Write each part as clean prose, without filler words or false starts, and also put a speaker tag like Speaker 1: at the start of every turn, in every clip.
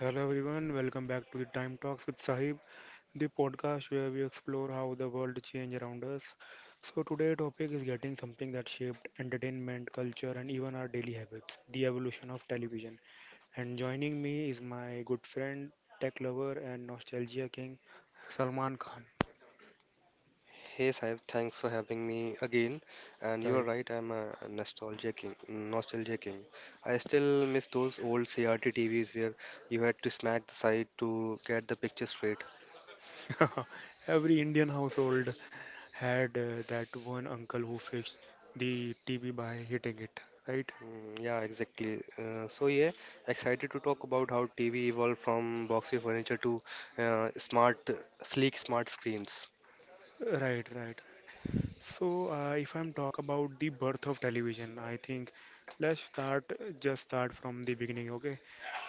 Speaker 1: Hello everyone, welcome back to the Time Talks with Sahib, the podcast where we explore how the world changes around us. So today topic is getting something that shaped entertainment, culture and even our daily habits, the evolution of television. And joining me is my good friend, tech lover and nostalgia king Salman Khan.
Speaker 2: Hey Saib, thanks for having me again. And you're right, I'm a nostalgia king. Nostalgia king. I still miss those old CRT TVs where you had to smack the side to get the picture straight.
Speaker 1: Right. Every Indian household had that one uncle who fixed the TV by hitting it, right?
Speaker 2: Mm, yeah, exactly. So yeah, excited to talk about how TV evolved from boxy furniture to smart, sleek smart screens.
Speaker 1: Right. So, if I'm talk about the birth of television, I think let's start just start from the beginning, okay?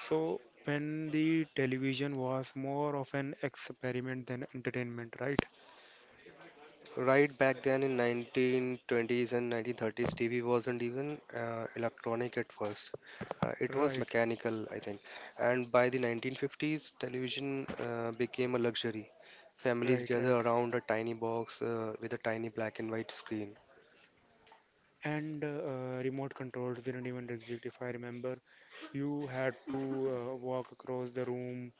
Speaker 1: So, when the television was more of an experiment than entertainment, right?
Speaker 2: Right back then in 1920s and 1930s, TV wasn't even electronic at first. It was
Speaker 1: Right,
Speaker 2: mechanical, I think. And by the 1950s, television became a luxury. Families
Speaker 1: right,
Speaker 2: gather
Speaker 1: right.
Speaker 2: around a tiny box with a tiny black and white screen.
Speaker 1: And remote controls didn't even exist, if I remember. You had to walk across the room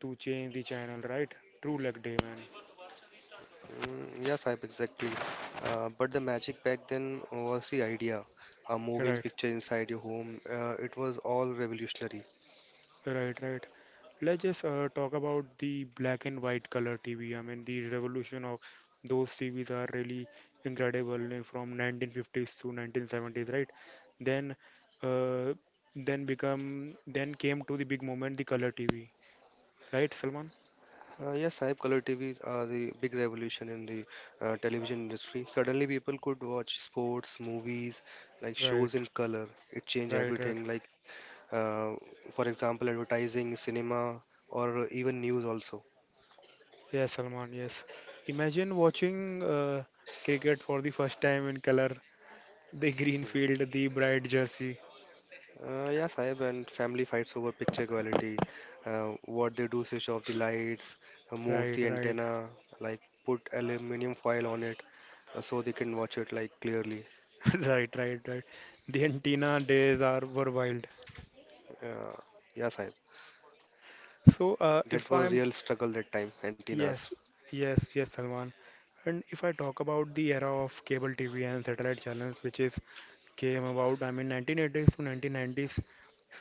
Speaker 1: to change the channel, right? True luck day, man.
Speaker 2: Mm, yes, Saib, exactly. But the magic back then was the idea, a moving
Speaker 1: Right.
Speaker 2: picture inside your home. It was all revolutionary.
Speaker 1: Right. Let's just talk about the black and white color TV. I mean, the revolution of those TVs are really incredible from 1950s to 1970s, right? Then, uh, then become then came to the big moment, the color TV, right, Salman?
Speaker 2: Yes, Saib, color TVs are the big revolution in the television industry. Suddenly, people could watch sports, movies, like shows
Speaker 1: Right,
Speaker 2: in color. It changed
Speaker 1: right.
Speaker 2: everything. Like, uh, for example, advertising, cinema, or even news also.
Speaker 1: Yes, Salman. Yes. Imagine watching cricket for the first time in color, the green field, the bright jersey.
Speaker 2: Yeah, Saib, and family fights over picture quality. What they do, switch off the lights, move
Speaker 1: Right,
Speaker 2: the
Speaker 1: right.
Speaker 2: antenna, like put aluminum foil on it, so they can watch it like clearly.
Speaker 1: Right. The antenna days are were wild.
Speaker 2: Uh, yeah, Saib.
Speaker 1: So,
Speaker 2: That
Speaker 1: if
Speaker 2: was
Speaker 1: I'm
Speaker 2: real struggle that time,
Speaker 1: yes,
Speaker 2: antennas.
Speaker 1: yes, Salman. And if I talk about the era of cable TV and satellite channels, which is came about, I mean, 1980s to 1990s.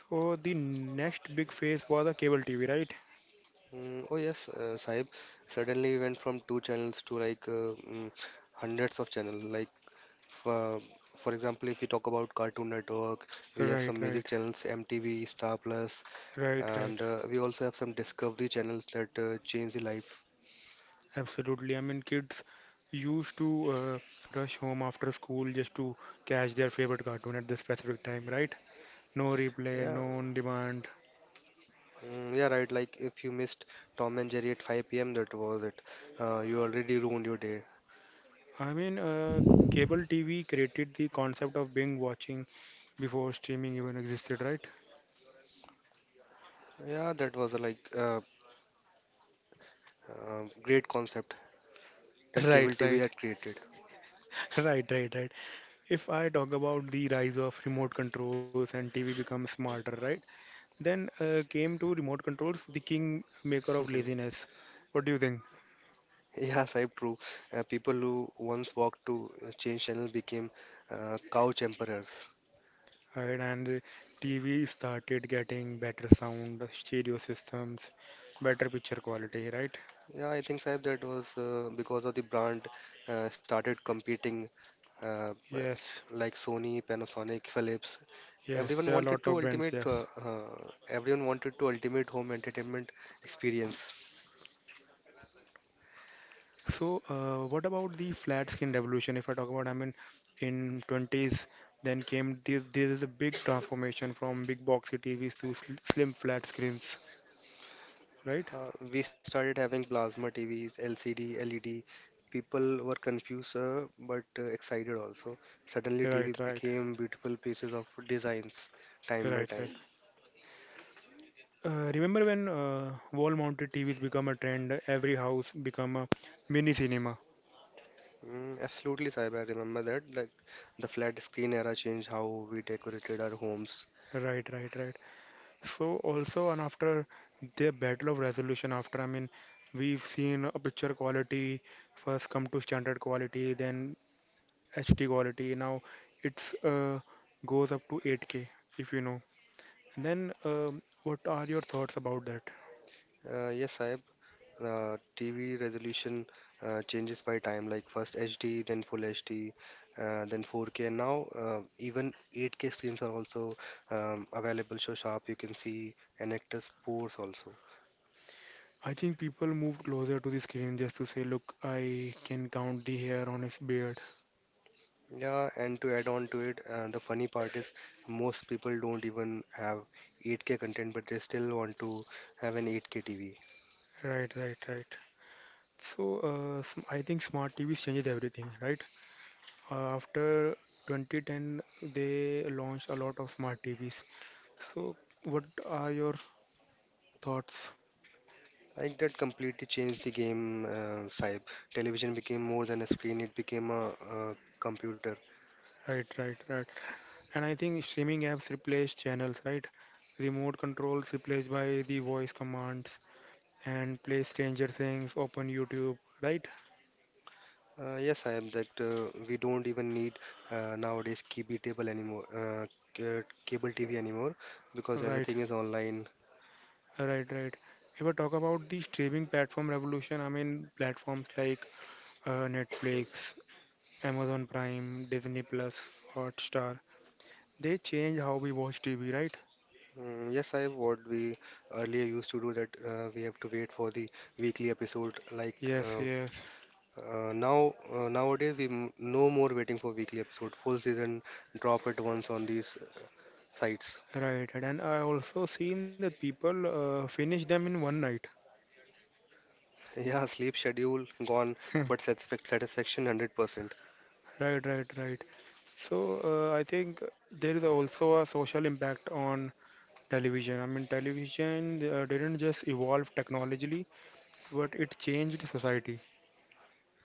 Speaker 1: So the next big phase was the cable TV, right?
Speaker 2: Oh yes, Sahib. Suddenly we went from two channels to like hundreds of channel. Like uh, for example, if you talk about Cartoon Network, we
Speaker 1: Right,
Speaker 2: have some
Speaker 1: right,
Speaker 2: music channels, MTV, Star Plus,
Speaker 1: right.
Speaker 2: and we also have some Discovery channels that change the life.
Speaker 1: Absolutely. I mean, kids used to rush home after school just to catch their favorite cartoon at this specific time, right? No replay,
Speaker 2: Yeah,
Speaker 1: no on demand.
Speaker 2: yeah, right. Like if you missed Tom and Jerry at 5 p.m., that was it. You already ruined your day.
Speaker 1: I mean, cable TV created the concept of being watching before streaming even existed, right?
Speaker 2: Yeah, that was a great concept that cable
Speaker 1: Right,
Speaker 2: TV
Speaker 1: right.
Speaker 2: had created.
Speaker 1: Right. If I talk about the rise of remote controls and TV becomes smarter, right? Then came to remote controls, the king maker of
Speaker 2: Hmm.
Speaker 1: laziness. What do you think?
Speaker 2: Yeah, Saib, true. People who once walked to change channel became couch emperors.
Speaker 1: Right, and TV started getting better sound, stereo systems, better picture quality, right?
Speaker 2: Yeah, I think Saib that was because of the brand started competing uh, uh,
Speaker 1: Yes,
Speaker 2: like Sony, Panasonic, Philips.
Speaker 1: yes,
Speaker 2: Everyone
Speaker 1: there are a
Speaker 2: wanted
Speaker 1: lot
Speaker 2: to
Speaker 1: of brands,
Speaker 2: ultimate. Uh,
Speaker 1: yes.
Speaker 2: uh, everyone wanted to ultimate home entertainment experience.
Speaker 1: So, what about the flat skin revolution? If I talk about, I mean, in 20s, then came this. This is a big transformation from big boxy TVs to sl slim flat screens, right?
Speaker 2: We started having plasma TVs, LCD, LED. People were confused but excited also. Suddenly, TV
Speaker 1: Right, right,
Speaker 2: became beautiful pieces of designs time by
Speaker 1: right.
Speaker 2: time.
Speaker 1: Remember when wall-mounted TVs become a trend? Every house become a mini cinema.
Speaker 2: Mm, absolutely, Saib, I remember that. Like the flat screen era changed how we decorated our homes.
Speaker 1: Right. So also, and after the battle of resolution, after I mean, we've seen a picture quality first come to standard quality, then HD quality. Now it's goes up to 8K if you know. Then what are your thoughts about that?
Speaker 2: Yes, I TV resolution changes by time, like first HD, then Full HD, then 4K, and now even 8K screens are also available, so sharp you can see an actor's pores also.
Speaker 1: I think people move closer to the screen just to say, look, I can count the hair on his beard.
Speaker 2: Yeah, and to add on to it, the funny part is most people don't even have 8K content, but they still want to have an 8K TV.
Speaker 1: Right. So I think smart TVs changes everything, right? After 2010, they launched a lot of smart TVs. So what are your thoughts?
Speaker 2: Like that completely changed the game. Side. Television became more than a screen; it became a computer.
Speaker 1: Right. And I think streaming apps replace channels, right? Remote controls replaced by the voice commands and play Stranger Things, open YouTube, right?
Speaker 2: Yes, I am that We don't even need nowadays cable TV anymore because
Speaker 1: Right,
Speaker 2: everything is online.
Speaker 1: right. If I talk about the streaming platform revolution, I mean platforms like Netflix, Amazon Prime, Disney Plus, Hotstar. They change how we watch TV, right?
Speaker 2: Mm, yes, I have what we earlier used to do that we have to wait for the weekly episode. Like
Speaker 1: Yes,
Speaker 2: uh, f-
Speaker 1: yes.
Speaker 2: nowadays we m no more waiting for weekly episode. Full season drop at once on these sites.
Speaker 1: Right, and I also seen that people finish them in one night.
Speaker 2: Yeah, sleep schedule gone, but satisfaction 100%.
Speaker 1: Right. So I think there is also a social impact on television. I mean, television didn't just evolve technologically, but it changed society,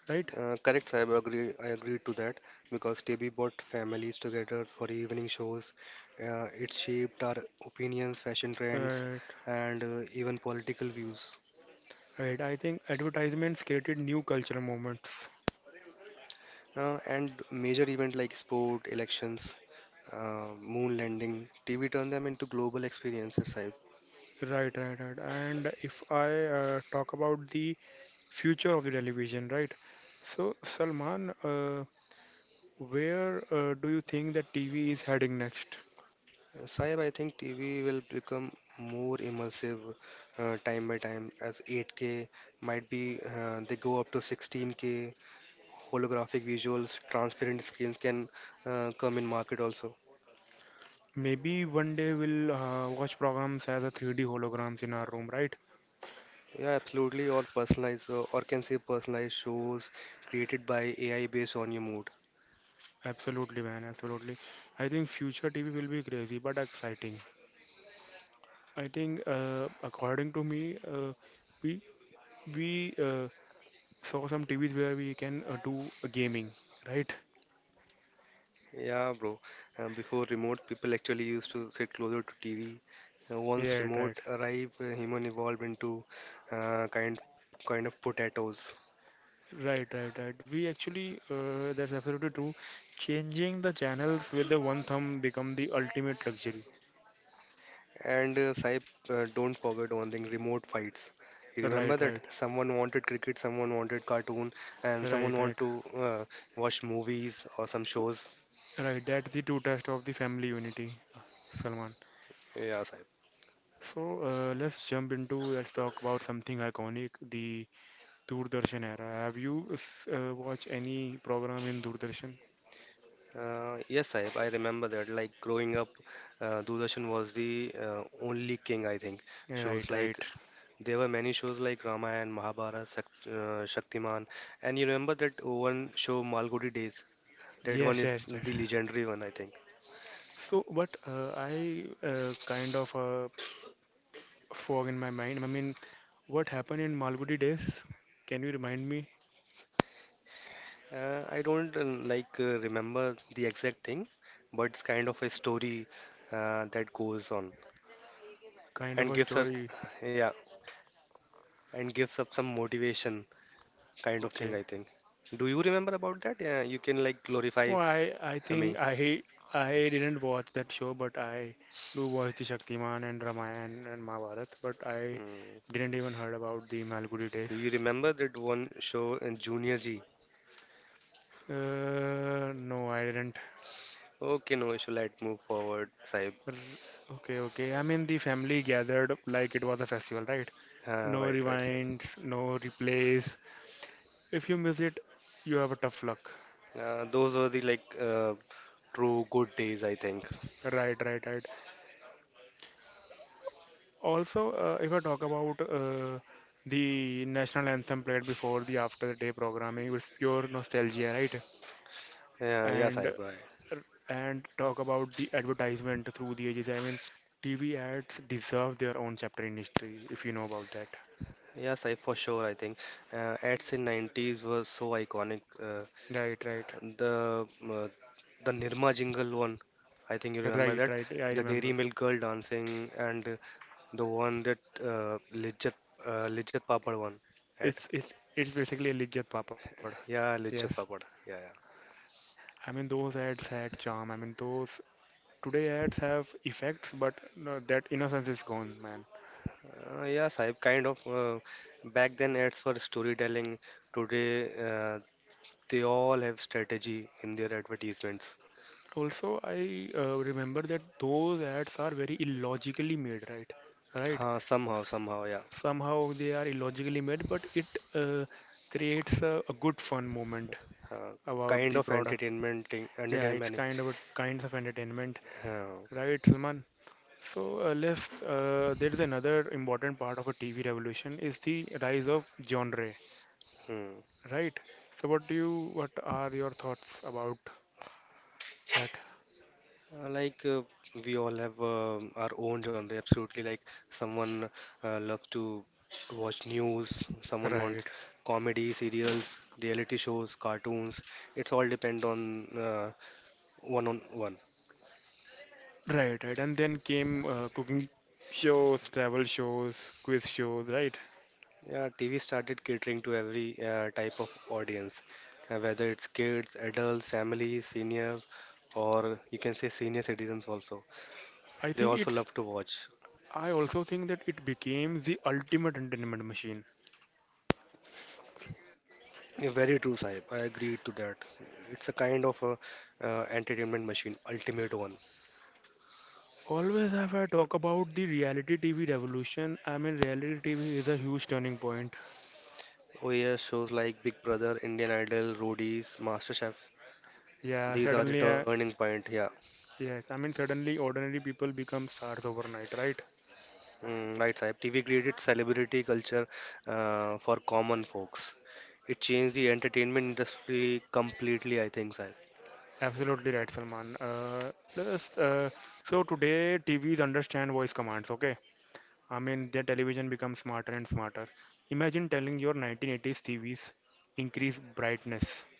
Speaker 1: right?
Speaker 2: Correct, Saib. I agree to that because TV brought families together for evening shows. It shaped our opinions, fashion trends,
Speaker 1: Right,
Speaker 2: and even political views.
Speaker 1: right. I think advertisements created new cultural moments.
Speaker 2: And major events like sport, elections, moon landing, TV turned them into global experiences, Saib.
Speaker 1: Right. And if I talk about the future of the television, right? So, Salman, where do you think that TV is heading next?
Speaker 2: Saib, I think TV will become more immersive time by time as 8K might be they go up to 16K, holographic visuals, transparent screens can come in market also.
Speaker 1: Maybe one day we'll watch programs as a 3D holograms in our room, right?
Speaker 2: Yeah, absolutely. Or personalized, or can say personalized shows created by AI based on your mood.
Speaker 1: Absolutely, man, absolutely. I think future TV will be crazy but exciting. I think, according to me, we we saw some TVs where we can do gaming, right?
Speaker 2: Yeah, bro. Before remote, people actually used to sit closer to TV. Once
Speaker 1: Yeah,
Speaker 2: remote
Speaker 1: right,
Speaker 2: arrived, human evolved into uh, kind kind of potatoes.
Speaker 1: right, right, right. We actually, that's absolutely true. Changing the channels with the one thumb become the ultimate luxury.
Speaker 2: And Saib, don't forget one thing, remote fights. You remember
Speaker 1: Right,
Speaker 2: that?
Speaker 1: right,
Speaker 2: Someone wanted cricket, someone wanted cartoon, and someone
Speaker 1: right,
Speaker 2: want
Speaker 1: right,
Speaker 2: to watch movies or some shows.
Speaker 1: right. That's the true test of the family unity. Salman.
Speaker 2: Yeah, Saib.
Speaker 1: So let's jump into let's talk about something iconic, the Doordarshan era. Have you watched any program in Doordarshan?
Speaker 2: Yes, Saib, I remember that. Like growing up, Doordarshan was the only king, I think.
Speaker 1: Right,
Speaker 2: Shows like
Speaker 1: right.
Speaker 2: there were many shows like Ramayana, Mahabharata, Shaktiman, and you remember that one show Malgudi Days. That one
Speaker 1: Yes,
Speaker 2: is
Speaker 1: yes, that.
Speaker 2: the legendary one, I think.
Speaker 1: So, but I kind of fog in my mind. I mean, what happened in Malgudi days? Can you remind me?
Speaker 2: I don't remember the exact thing, but it's kind of a story that goes on
Speaker 1: Kind of
Speaker 2: and
Speaker 1: a
Speaker 2: gives us,
Speaker 1: story.
Speaker 2: yeah, and gives us some motivation kind of thing,
Speaker 1: Okay.
Speaker 2: I think. Do you remember about that? Yeah, you can like glorify
Speaker 1: Oh, I
Speaker 2: me.
Speaker 1: think I didn't watch that show, but I do watch the Shaktiman and Ramayana and Mahabharat, but I
Speaker 2: Mm.
Speaker 1: didn't even heard about the Malgudi days.
Speaker 2: You remember that one show in Junior G?
Speaker 1: No, I didn't.
Speaker 2: Okay, no issue. Let's move forward, Saib.
Speaker 1: R- Okay, okay. I mean, the family gathered like it was a festival, right?
Speaker 2: Uh,
Speaker 1: No
Speaker 2: right, right, Saib.
Speaker 1: rewinds, no replays. If you miss it, you have a tough luck.
Speaker 2: Those were the true good days, I think.
Speaker 1: Right, right. I also, if I talk about the national anthem played before the after the day programming, it's pure nostalgia, right?
Speaker 2: Yeah, yeah,
Speaker 1: And uh,
Speaker 2: Saib.
Speaker 1: and talk about the advertisement through the ages. I mean, TV ads deserve their own chapter in history, if you know about that.
Speaker 2: Yes, I for sure. I think ads in 90s was so iconic.
Speaker 1: Right, right,
Speaker 2: The uh, the Nirma jingle one, I think you remember
Speaker 1: right,
Speaker 2: that.
Speaker 1: right. I
Speaker 2: The
Speaker 1: remember.
Speaker 2: Dairy Milk girl dancing and the one that Lijjat Papad one ad.
Speaker 1: It's it's basically a Lijjat Papad.
Speaker 2: Yeah,
Speaker 1: Yes.
Speaker 2: Lijjat Papad. Yeah, yeah.
Speaker 1: I mean, those ads had charm. I mean, those today ads have effects, but no, that innocence is gone, man.
Speaker 2: Yes, I kind of Back then ads for storytelling. Today they all have strategy in their advertisements.
Speaker 1: Also I remember that those ads are very illogically made, right, right
Speaker 2: Somehow, yeah.
Speaker 1: somehow they are illogically made but it uh, creates a good fun moment
Speaker 2: uh,
Speaker 1: about
Speaker 2: kind
Speaker 1: the
Speaker 2: of
Speaker 1: product. Yeah, it's
Speaker 2: entertaining.
Speaker 1: kind of a kinds of entertainment,
Speaker 2: Uh,
Speaker 1: right, Salman? So let's there is another important part of a TV revolution is the rise of genre,
Speaker 2: hmm.
Speaker 1: right? So what are your thoughts about that,
Speaker 2: Like, we all have our own genre, absolutely. Like someone loves to watch news, someone wants
Speaker 1: right?
Speaker 2: comedy, serials, reality shows, cartoons. It's all depend on uh, one on one.
Speaker 1: Right. And then came cooking shows, travel shows, quiz shows, right?
Speaker 2: Yeah, TV started catering to every type of audience, whether it's kids, adults, families, seniors, or you can say senior citizens also.
Speaker 1: I
Speaker 2: They
Speaker 1: think
Speaker 2: also
Speaker 1: it's,
Speaker 2: love to watch.
Speaker 1: I also think that it became the ultimate entertainment machine.
Speaker 2: Yeah, very true, Saib. I agree to that. It's a kind of a entertainment machine, ultimate one.
Speaker 1: Always have I talk about the reality TV revolution. I mean, reality TV is a huge turning point.
Speaker 2: Oh yes, shows like Big Brother, Indian Idol, Roadies, MasterChef.
Speaker 1: Yeah,
Speaker 2: These are the
Speaker 1: suddenly,
Speaker 2: turning point. Yeah,
Speaker 1: yes, I mean, suddenly ordinary people become stars overnight, right?
Speaker 2: right, Saib. TV created celebrity culture for common folks. It changed the entertainment industry completely, I think, Saib.
Speaker 1: Absolutely right, Salman. Just, uh, so today, TVs understand voice commands, okay? I mean, their television becomes smarter and smarter. Imagine telling your 1980s TVs increase brightness.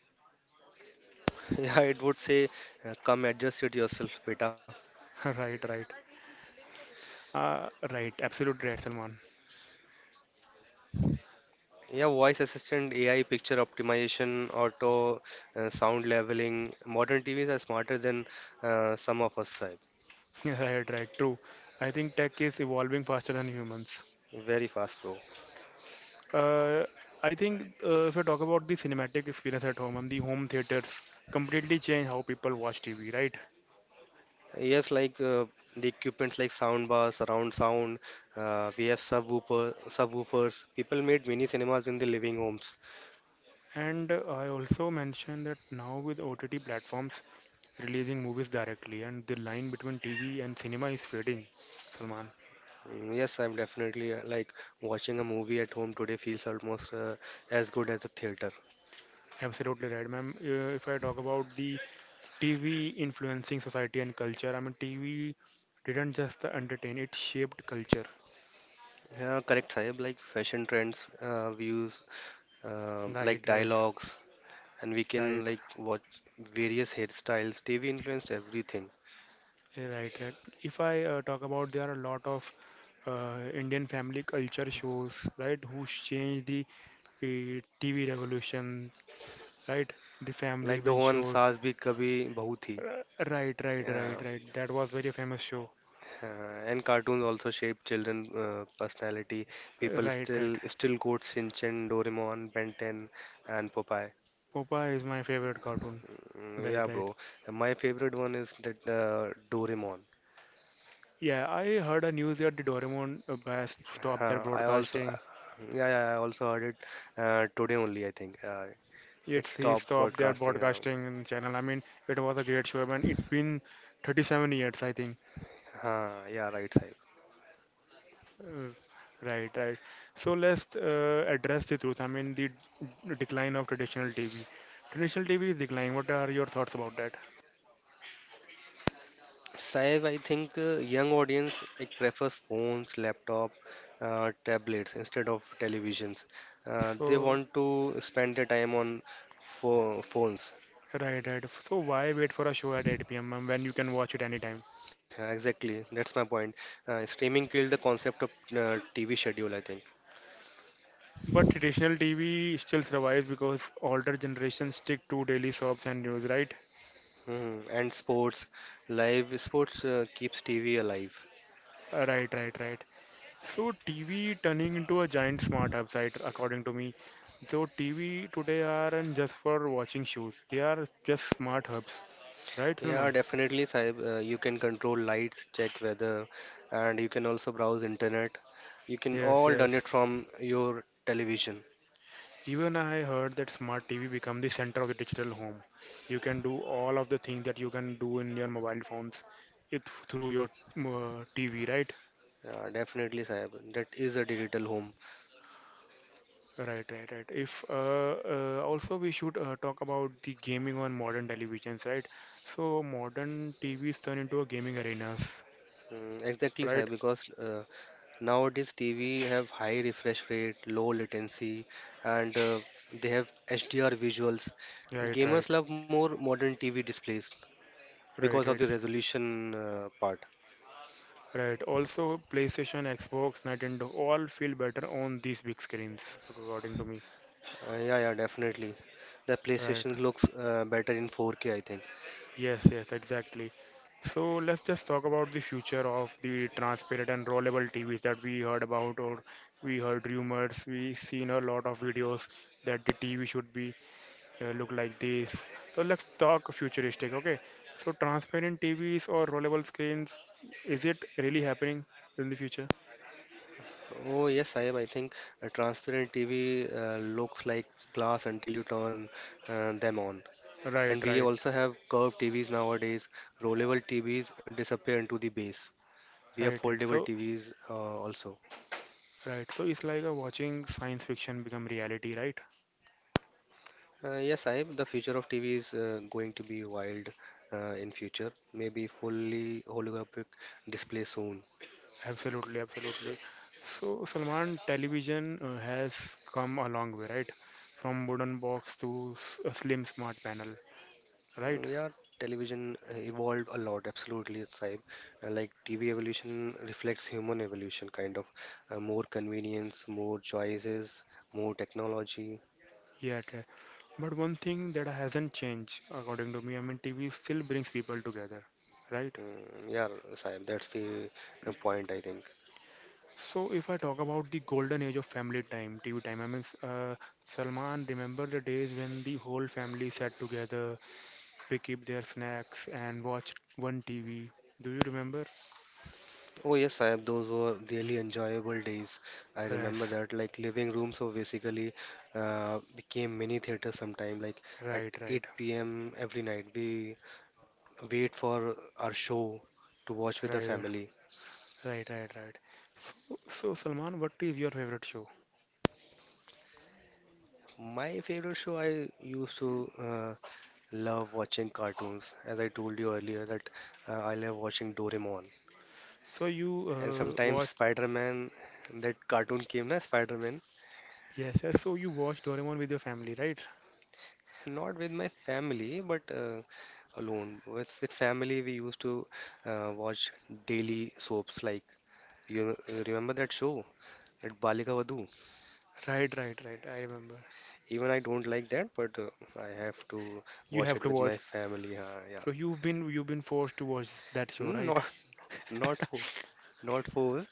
Speaker 2: Yeah, it would say, come adjust it yourself, beta.
Speaker 1: Right, right. Right, absolutely right, Salman.
Speaker 2: Yeah, voice assistant, AI, picture optimization, auto, sound leveling. Modern TVs are smarter than some of us. Right?
Speaker 1: Right, true. I think tech is evolving faster than humans.
Speaker 2: Very fast, bro.
Speaker 1: Uh, I think if I talk about the cinematic experience at home and the home theaters completely change how people watch TV, right?
Speaker 2: Yes, like the equipment like soundbar, surround sound. We have subwoofers. People made mini cinemas in the living homes.
Speaker 1: And I also mentioned that now with OTT platforms releasing movies directly and the line between TV and cinema is fading, Salman.
Speaker 2: Yes, I'm definitely like watching a movie at home today feels almost as good as a theater.
Speaker 1: Absolutely right, ma'am. If I talk about the TV influencing society and culture, I mean, TV didn't just entertain, it shaped culture.
Speaker 2: Yeah, correct, Sahib. Like fashion trends, views,
Speaker 1: Right,
Speaker 2: like
Speaker 1: right,
Speaker 2: dialogues, and we can
Speaker 1: right,
Speaker 2: like watch various hairstyles. TV influenced everything,
Speaker 1: right. If I talk about, there are a lot of Indian family culture shows, right, who changed the TV revolution, right? The Family
Speaker 2: like the
Speaker 1: Bin
Speaker 2: one
Speaker 1: shows.
Speaker 2: "Saas Bhi Kabhi Bahu Thi."
Speaker 1: R- Right, right, right,
Speaker 2: Yeah,
Speaker 1: right. That was very famous show.
Speaker 2: and cartoons also shape children' personality. People
Speaker 1: Right, right.
Speaker 2: still still quote Shinchan, Doraemon, Ben 10, and Popeye.
Speaker 1: Popa is my favorite cartoon.
Speaker 2: Mm,
Speaker 1: Right,
Speaker 2: yeah,
Speaker 1: right.
Speaker 2: bro. And my favorite one is that Doraemon.
Speaker 1: Yeah, I heard a news that the Doraemon has stopped their
Speaker 2: Huh, I also uh,
Speaker 1: broadcasting.
Speaker 2: yeah, I also heard it today only. I think it's
Speaker 1: It's he
Speaker 2: top
Speaker 1: stopped their
Speaker 2: broadcasting.
Speaker 1: broadcasting channel. I mean, it was a great show, and it's been 37 years, I think.
Speaker 2: Yeah, right, Sai.
Speaker 1: Uh, right, right. So let's address the truth. I mean, the decline of traditional TV. Traditional TV is declining. What are your thoughts about that?
Speaker 2: Saif, I think young audience it prefers phones, laptop, tablets instead of televisions. They
Speaker 1: So,
Speaker 2: want to spend their time on phones.
Speaker 1: right, right. So why wait for a show at 8 p.m. when you can watch it anytime?
Speaker 2: Yeah, exactly, that's my point. Streaming killed the concept of TV schedule, I think.
Speaker 1: But traditional TV still survives because older generations stick to daily soaps and news, right?
Speaker 2: Mhm. And sports, live sports keeps TV alive.
Speaker 1: Right. So TV turning into a giant smart hub site, according to me. So TV today aren't just for watching shows; they are just smart hubs, right,
Speaker 2: Yeah,
Speaker 1: Salman?
Speaker 2: definitely, Saib. You can control lights, check weather, and you can also browse internet. You can
Speaker 1: Yes,
Speaker 2: all done
Speaker 1: yes.
Speaker 2: it from your television.
Speaker 1: Even I heard that smart TV become the center of the digital home. You can do all of the things that you can do in your mobile phones it through your TV, right?
Speaker 2: Yeah, definitely, Saib. That is a digital home.
Speaker 1: Right. If also we should talk about the gaming on modern televisions, right? So modern TVs turn into a gaming arenas,
Speaker 2: Mm, exactly,
Speaker 1: right?
Speaker 2: Saib, because nowadays TV have high refresh rate, low latency, and they have HDR visuals.
Speaker 1: Right, right,
Speaker 2: Gamers love more modern TV displays because
Speaker 1: right,
Speaker 2: of the
Speaker 1: right,
Speaker 2: resolution part.
Speaker 1: right. Also, PlayStation, Xbox, Nintendo all feel better on these big screens, according to me.
Speaker 2: Yeah, yeah, definitely. The
Speaker 1: Right.
Speaker 2: PlayStation looks better in 4K, I think.
Speaker 1: Yes, yes, exactly. So let's just talk about the future of the transparent and rollable TVs that we heard about, or we heard rumors, we seen a lot of videos that the TV should be look like this. So let's talk futuristic, okay? So transparent TVs or rollable screens, is it really happening in the future?
Speaker 2: Oh yes, Saib, I think a transparent TV looks like glass until you turn them on.
Speaker 1: Right,
Speaker 2: And we
Speaker 1: right,
Speaker 2: also have curved TVs nowadays. Rollable TVs disappear into the base. We have
Speaker 1: right.
Speaker 2: foldable
Speaker 1: So,
Speaker 2: TVs also.
Speaker 1: right. So it's like a watching science fiction become reality, right?
Speaker 2: Yes, I The future of TV is going to be wild in future. Maybe fully holographic display soon.
Speaker 1: Absolutely, absolutely. So Salman, television has come a long way, right? From wooden box to a slim smart panel, right?
Speaker 2: Yeah, television evolved a lot. Absolutely, Saib. Like TV evolution reflects human evolution, kind of more convenience, more choices, more technology.
Speaker 1: Yeah, it has. But one thing that hasn't changed, according to me, I mean, TV still brings people together, right?
Speaker 2: Mm, yeah, Saib. That's the point I think.
Speaker 1: So if I talk about the golden age of family time, TV time, I mean, Salman, remember the days when the whole family sat together, pick up their snacks and watched one TV. Do you remember?
Speaker 2: Oh yes, I have. Those were really enjoyable days. I remember
Speaker 1: Yes,
Speaker 2: that, like living room, so basically became mini theater sometime. Like at
Speaker 1: right, right,
Speaker 2: 8 p.m. every night, we wait for our show to watch with the
Speaker 1: right,
Speaker 2: family.
Speaker 1: right, right, right. So, so Salman, what is your favorite show?
Speaker 2: My favorite show, I used to love watching cartoons. As I told you earlier, that I love watching Doraemon
Speaker 1: So
Speaker 2: and
Speaker 1: you
Speaker 2: sometimes
Speaker 1: watch,
Speaker 2: Spider-Man. That cartoon came, na Spider-Man.
Speaker 1: yes, yes, so you watch Doraemon with your family, right?
Speaker 2: Not with my family, but. Alone. With family, we used to watch daily soaps like you remember that show, that Balika Vadhu.
Speaker 1: Right, right, right. I remember.
Speaker 2: Even I don't like that, but I have to
Speaker 1: You
Speaker 2: watch
Speaker 1: have
Speaker 2: it
Speaker 1: to
Speaker 2: with my
Speaker 1: watch.
Speaker 2: family. Yeah,
Speaker 1: So you've been forced to watch that show,
Speaker 2: Mm,
Speaker 1: right?
Speaker 2: not not for not for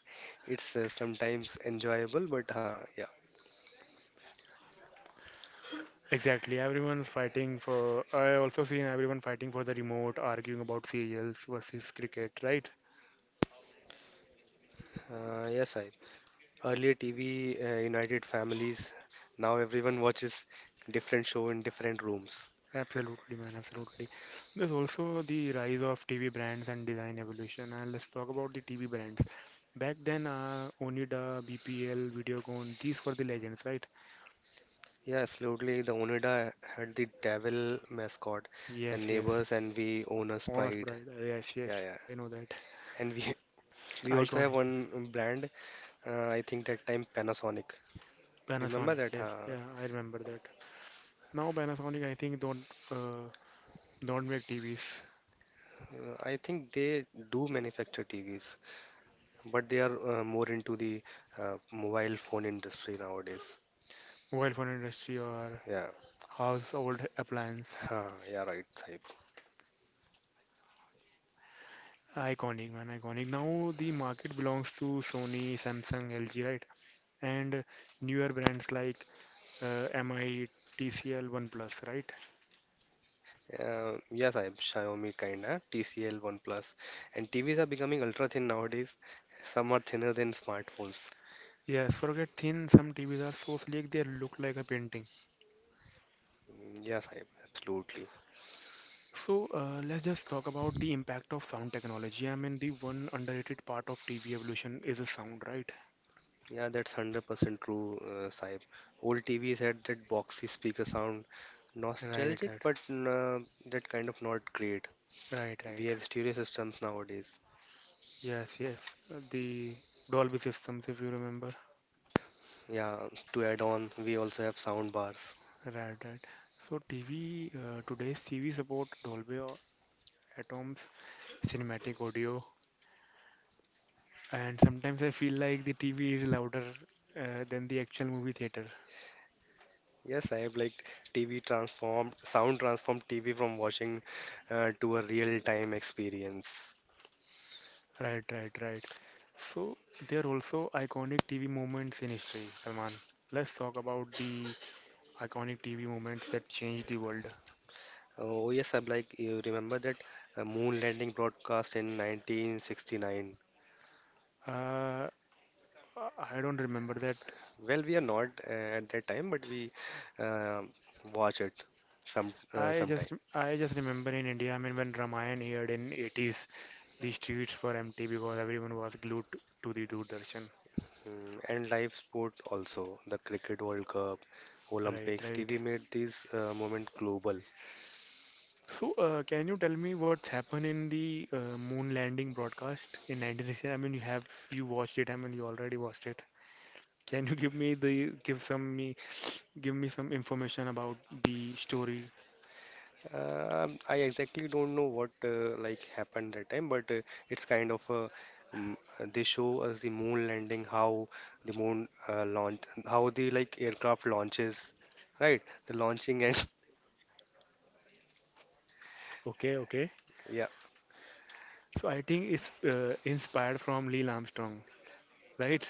Speaker 2: It's sometimes enjoyable, but
Speaker 1: Exactly. Everyone's fighting for. I also seen everyone fighting for the remote, arguing about serials versus cricket, right?
Speaker 2: yes, I earlier TV united families. Now everyone watches different show in different rooms.
Speaker 1: Absolutely, man. Absolutely. There's also the rise of TV brands and design evolution. And let's talk about the TV brands. Back then, Oneida, BPL, Videocon, these were the legends, right?
Speaker 2: Yeah, absolutely. The Oneida had the devil mascot and
Speaker 1: Yes, yes.
Speaker 2: neighbors and we owners
Speaker 1: Honest
Speaker 2: pride.
Speaker 1: Bride. Yes,
Speaker 2: Yeah,
Speaker 1: yes.
Speaker 2: yeah.
Speaker 1: Yeah, I know that.
Speaker 2: And we we also have
Speaker 1: Iconic.
Speaker 2: one brand. I think that time Panasonic. Remember
Speaker 1: Panasonic.
Speaker 2: that?
Speaker 1: Yes.
Speaker 2: Huh?
Speaker 1: Yeah, I remember that. Now Panasonic, I think uh, don't make TVs.
Speaker 2: I think they do manufacture TVs, but they are more into the mobile phone industry nowadays.
Speaker 1: Mobile phone industry or
Speaker 2: Yeah,
Speaker 1: household appliance.
Speaker 2: yeah, right, Saib.
Speaker 1: Iconic, man, iconic. Now the market belongs to Sony, Samsung, LG, right? And newer brands like MI, TCL, OnePlus, right?
Speaker 2: Yeah, Saib, Xiaomi kinda, TCL, OnePlus, and TVs are becoming ultra thin nowadays. Some are thinner than smartphones.
Speaker 1: Yes, forget thin. Some TVs are so sleek they look like a painting.
Speaker 2: Yeah, Saib, absolutely.
Speaker 1: So let's just talk about the impact of sound technology. I mean, the one underrated part of TV evolution is the sound, right?
Speaker 2: Yeah, that's 100% true, Saib. Old TVs had that boxy speaker sound,
Speaker 1: Right,
Speaker 2: nostalgic,
Speaker 1: right,
Speaker 2: but that kind of not great.
Speaker 1: right,
Speaker 2: We
Speaker 1: right.
Speaker 2: have stereo systems nowadays.
Speaker 1: Yes, yes. The Dolby systems, if you remember.
Speaker 2: Yeah, to add on, we also have sound bars.
Speaker 1: Right, right. So TV uh, today's TV support Dolby or Atoms, cinematic audio, and sometimes I feel like the TV is louder than the actual movie theater.
Speaker 2: Yes, I have like TV transformed, sound transformed TV from watching to a real-time experience.
Speaker 1: Right, right, right. So there are also iconic TV moments in history, Salman. Let's talk about the iconic TV moments that changed the world.
Speaker 2: Oh yes, I'm like you remember that moon landing broadcast in 1969.
Speaker 1: Uh, I don't remember that.
Speaker 2: Well, we are not at that time, but we uh, watch it
Speaker 1: I
Speaker 2: sometime.
Speaker 1: just remember in India, I mean, when Ramayan aired in 80's, the streets were empty because everyone was glued to the Doordarshan.
Speaker 2: Mm, and live sport also, the Cricket World Cup,
Speaker 1: Right,
Speaker 2: Olympics,
Speaker 1: right.
Speaker 2: TV made this moment global.
Speaker 1: So, can you tell me what's happened in the moon landing broadcast in 1960? I mean, you have you watched it? I mean, you already watched it. Can you give me the give me some information about the story?
Speaker 2: I exactly don't know what happened that time, but it's kind of a um, they show us the moon landing, how the moon launch, how the aircraft launches, right? The launching and
Speaker 1: Okay, okay. So I think it's inspired from Neil Armstrong, right?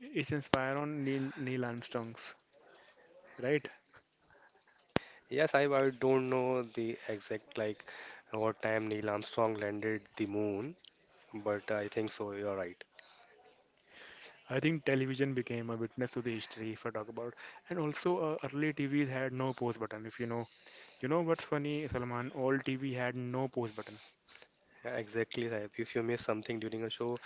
Speaker 1: It's inspired on Neil Armstrong's, right?
Speaker 2: Yes, I don't know the exact what time Neil Armstrong landed the moon, but I think so. You're right.
Speaker 1: I think television became a witness to the history, if I talk about. And also, early TVs had no pause button, if you know. You know what's funny, Salman? All TV had no pause button.
Speaker 2: Exactly. Saib. If you miss something during a show,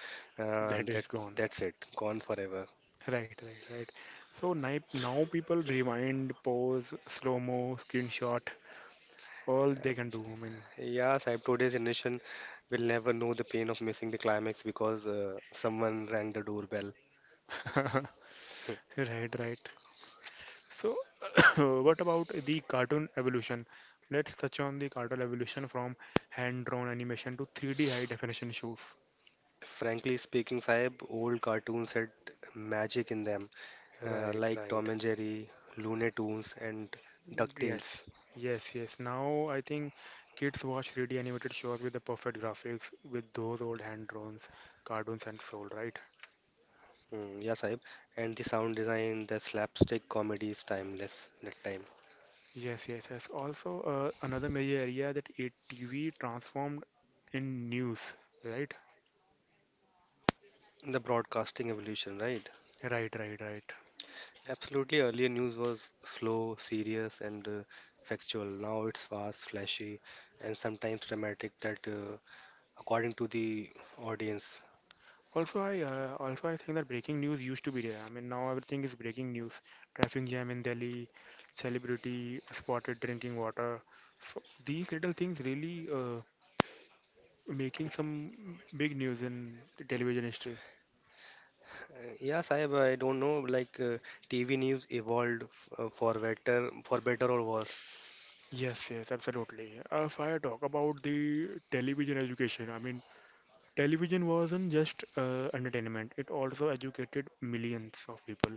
Speaker 2: uh,
Speaker 1: That
Speaker 2: that
Speaker 1: is gone.
Speaker 2: that's it. Gone forever.
Speaker 1: Right, right, right. So now people rewind, pause, slow mo, screenshot, all
Speaker 2: Yeah,
Speaker 1: they can do. I mean,
Speaker 2: yeah Saib, today's generation will never know the pain of missing the climax because someone rang the doorbell.
Speaker 1: right, right. So, what about the cartoon evolution? Let's touch on the cartoon evolution from hand-drawn animation to 3D high-definition shows.
Speaker 2: Frankly speaking, Saib, old cartoons had magic in them,
Speaker 1: Right,
Speaker 2: like Tom
Speaker 1: right.
Speaker 2: and Jerry, Looney Tunes, and DuckTales.
Speaker 1: Yes, yes, yes. Now I think kids watch 3D animated shows with the perfect graphics, with those old hand drawn cartoons and soul, right?
Speaker 2: Yeah, Saib. And the sound design, the slapstick comedy is timeless that time.
Speaker 1: Yes, yes, yes. Also, another major area that it TV transformed in news, right?
Speaker 2: The broadcasting evolution, right?
Speaker 1: Right, right, right.
Speaker 2: Absolutely. Earlier news was slow, serious, and factual. Now it's fast, flashy, and sometimes dramatic. That according to the audience.
Speaker 1: Also I think that breaking news used to be there. I mean, now everything is breaking news. Traffic jam in Delhi, celebrity spotted drinking water. So these little things really making some big news in the television history.
Speaker 2: Yeah, Saib. I don't know. TV news evolved for better or worse.
Speaker 1: Yes, yes, absolutely. If I talk about the television education, I mean, television wasn't just entertainment, it also educated millions of people.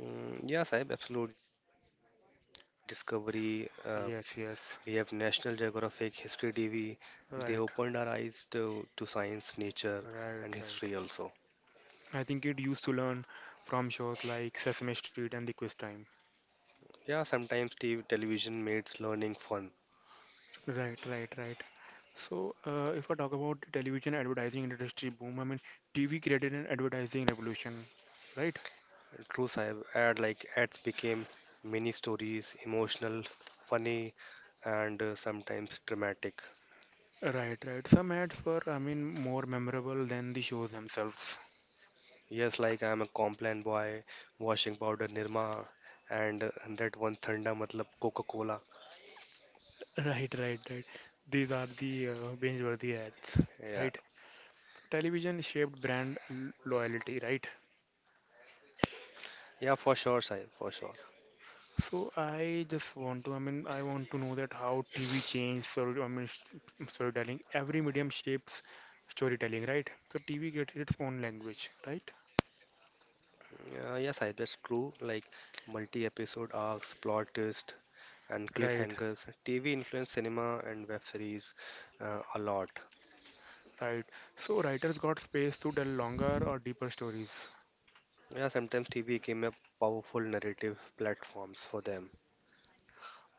Speaker 2: Yeah, Saib. Absolutely. Because channels like Discovery,
Speaker 1: Yes, yes,
Speaker 2: we have National Geographic, History TV. They
Speaker 1: right,
Speaker 2: opened our eyes to science, nature,
Speaker 1: right,
Speaker 2: and history
Speaker 1: right.
Speaker 2: also.
Speaker 1: I think it used to learn from shows like Sesame Street and The Quiz Time.
Speaker 2: Yeah, sometimes television makes learning fun.
Speaker 1: Right, right, right. So, if I talk about the television advertising industry boom, I mean, TV created an advertising revolution, right?
Speaker 2: True, sahib, ad like ads became mini stories, emotional, funny, and sometimes dramatic.
Speaker 1: Right, right. Some ads were, I mean, more memorable than the shows themselves.
Speaker 2: Yes, like I'm a Complan boy, washing powder Nirma, and that one Thanda, matlab Coca-Cola.
Speaker 1: Right, right, right. These are the binge-worthy ads,
Speaker 2: Yeah,
Speaker 1: right? So television shaped brand loyalty, right?
Speaker 2: yeah, for sure, sahib, for sure.
Speaker 1: So I just want to, I mean, I want to know that how TV changed story, I mean, storytelling. Every medium shapes storytelling, right? So TV created its own language, right?
Speaker 2: Yeah, yeah, sahib, that's true. Like multi-episode arcs, plot twist, and
Speaker 1: Right,
Speaker 2: cliffhangers. TV influenced cinema and web series a lot.
Speaker 1: right. So writers got space to tell longer or deeper stories.
Speaker 2: Yeah, sometimes TV became a powerful narrative platforms for them.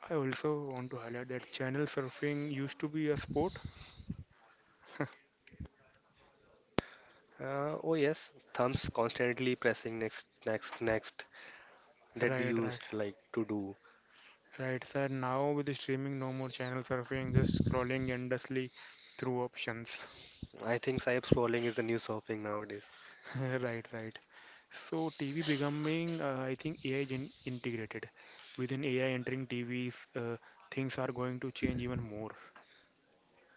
Speaker 1: I also want to highlight that channel surfing used to be a sport.
Speaker 2: Oh yes, thumbs constantly pressing next, next, next that we
Speaker 1: Right, right,
Speaker 2: used like to do.
Speaker 1: right, sir. Now with the streaming, no more channel surfing, just scrolling endlessly through options.
Speaker 2: I think cyber scrolling is the new surfing nowadays.
Speaker 1: Right, right. So TV becoming, I think AI is integrated. Within AI entering TVs, things are going to change even more.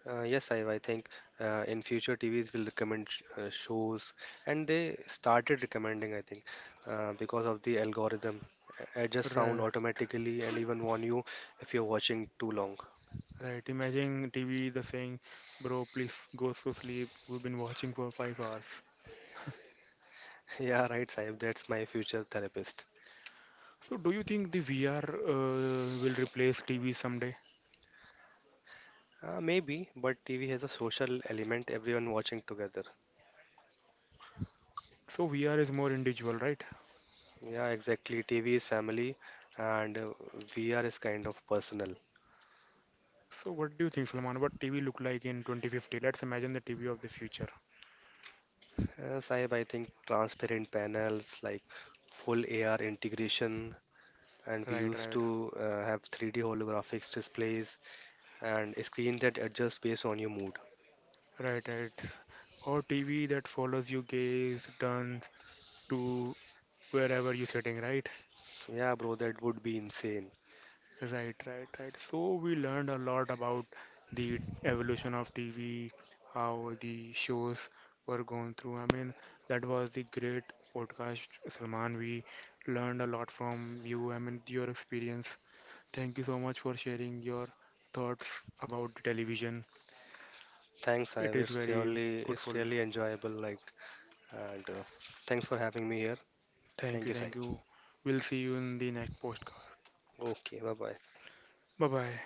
Speaker 2: Yes, I think in future TVs will recommend sh shows, and they started recommending, I think, because of the algorithm. Adjust sound
Speaker 1: Right,
Speaker 2: automatically and even warn you if you're watching too long.
Speaker 1: right. Imagine TV the saying, "Bro, please go to sleep. We've been watching for 5 hours."
Speaker 2: Yeah, right, Saib, that's my future therapist.
Speaker 1: So do you think the VR will replace TV someday?
Speaker 2: Maybe, but TV has a social element, everyone watching together.
Speaker 1: So VR is more individual, right?
Speaker 2: Yeah, exactly. TV is family, and VR is kind of personal.
Speaker 1: So what do you think, Sulman? What TV look like in 2050? Let's imagine the TV of the future.
Speaker 2: Saib, I think transparent panels like full AR integration and we
Speaker 1: Right,
Speaker 2: used
Speaker 1: right,
Speaker 2: to have 3D holographics displays and a screen that adjusts based on your mood.
Speaker 1: right, right. Or TV that follows you gaze, turns to wherever you're sitting, right?
Speaker 2: So, yeah, bro, that would be insane.
Speaker 1: Right, right, right. So we learned a lot about the evolution of TV, how the shows were going through. I mean, that was the great podcast, Salman. We learned a lot from you. I mean, your experience. Thank you so much for sharing your thoughts about the television.
Speaker 2: Thanks,
Speaker 1: It
Speaker 2: Saib.
Speaker 1: is very good.
Speaker 2: It's really enjoyable. Like, and thanks for having me here.
Speaker 1: Thank
Speaker 2: Thank
Speaker 1: you,
Speaker 2: you, Saib.
Speaker 1: thank you. We'll see you in the next postcard.
Speaker 2: Okay, bye bye.
Speaker 1: Bye bye.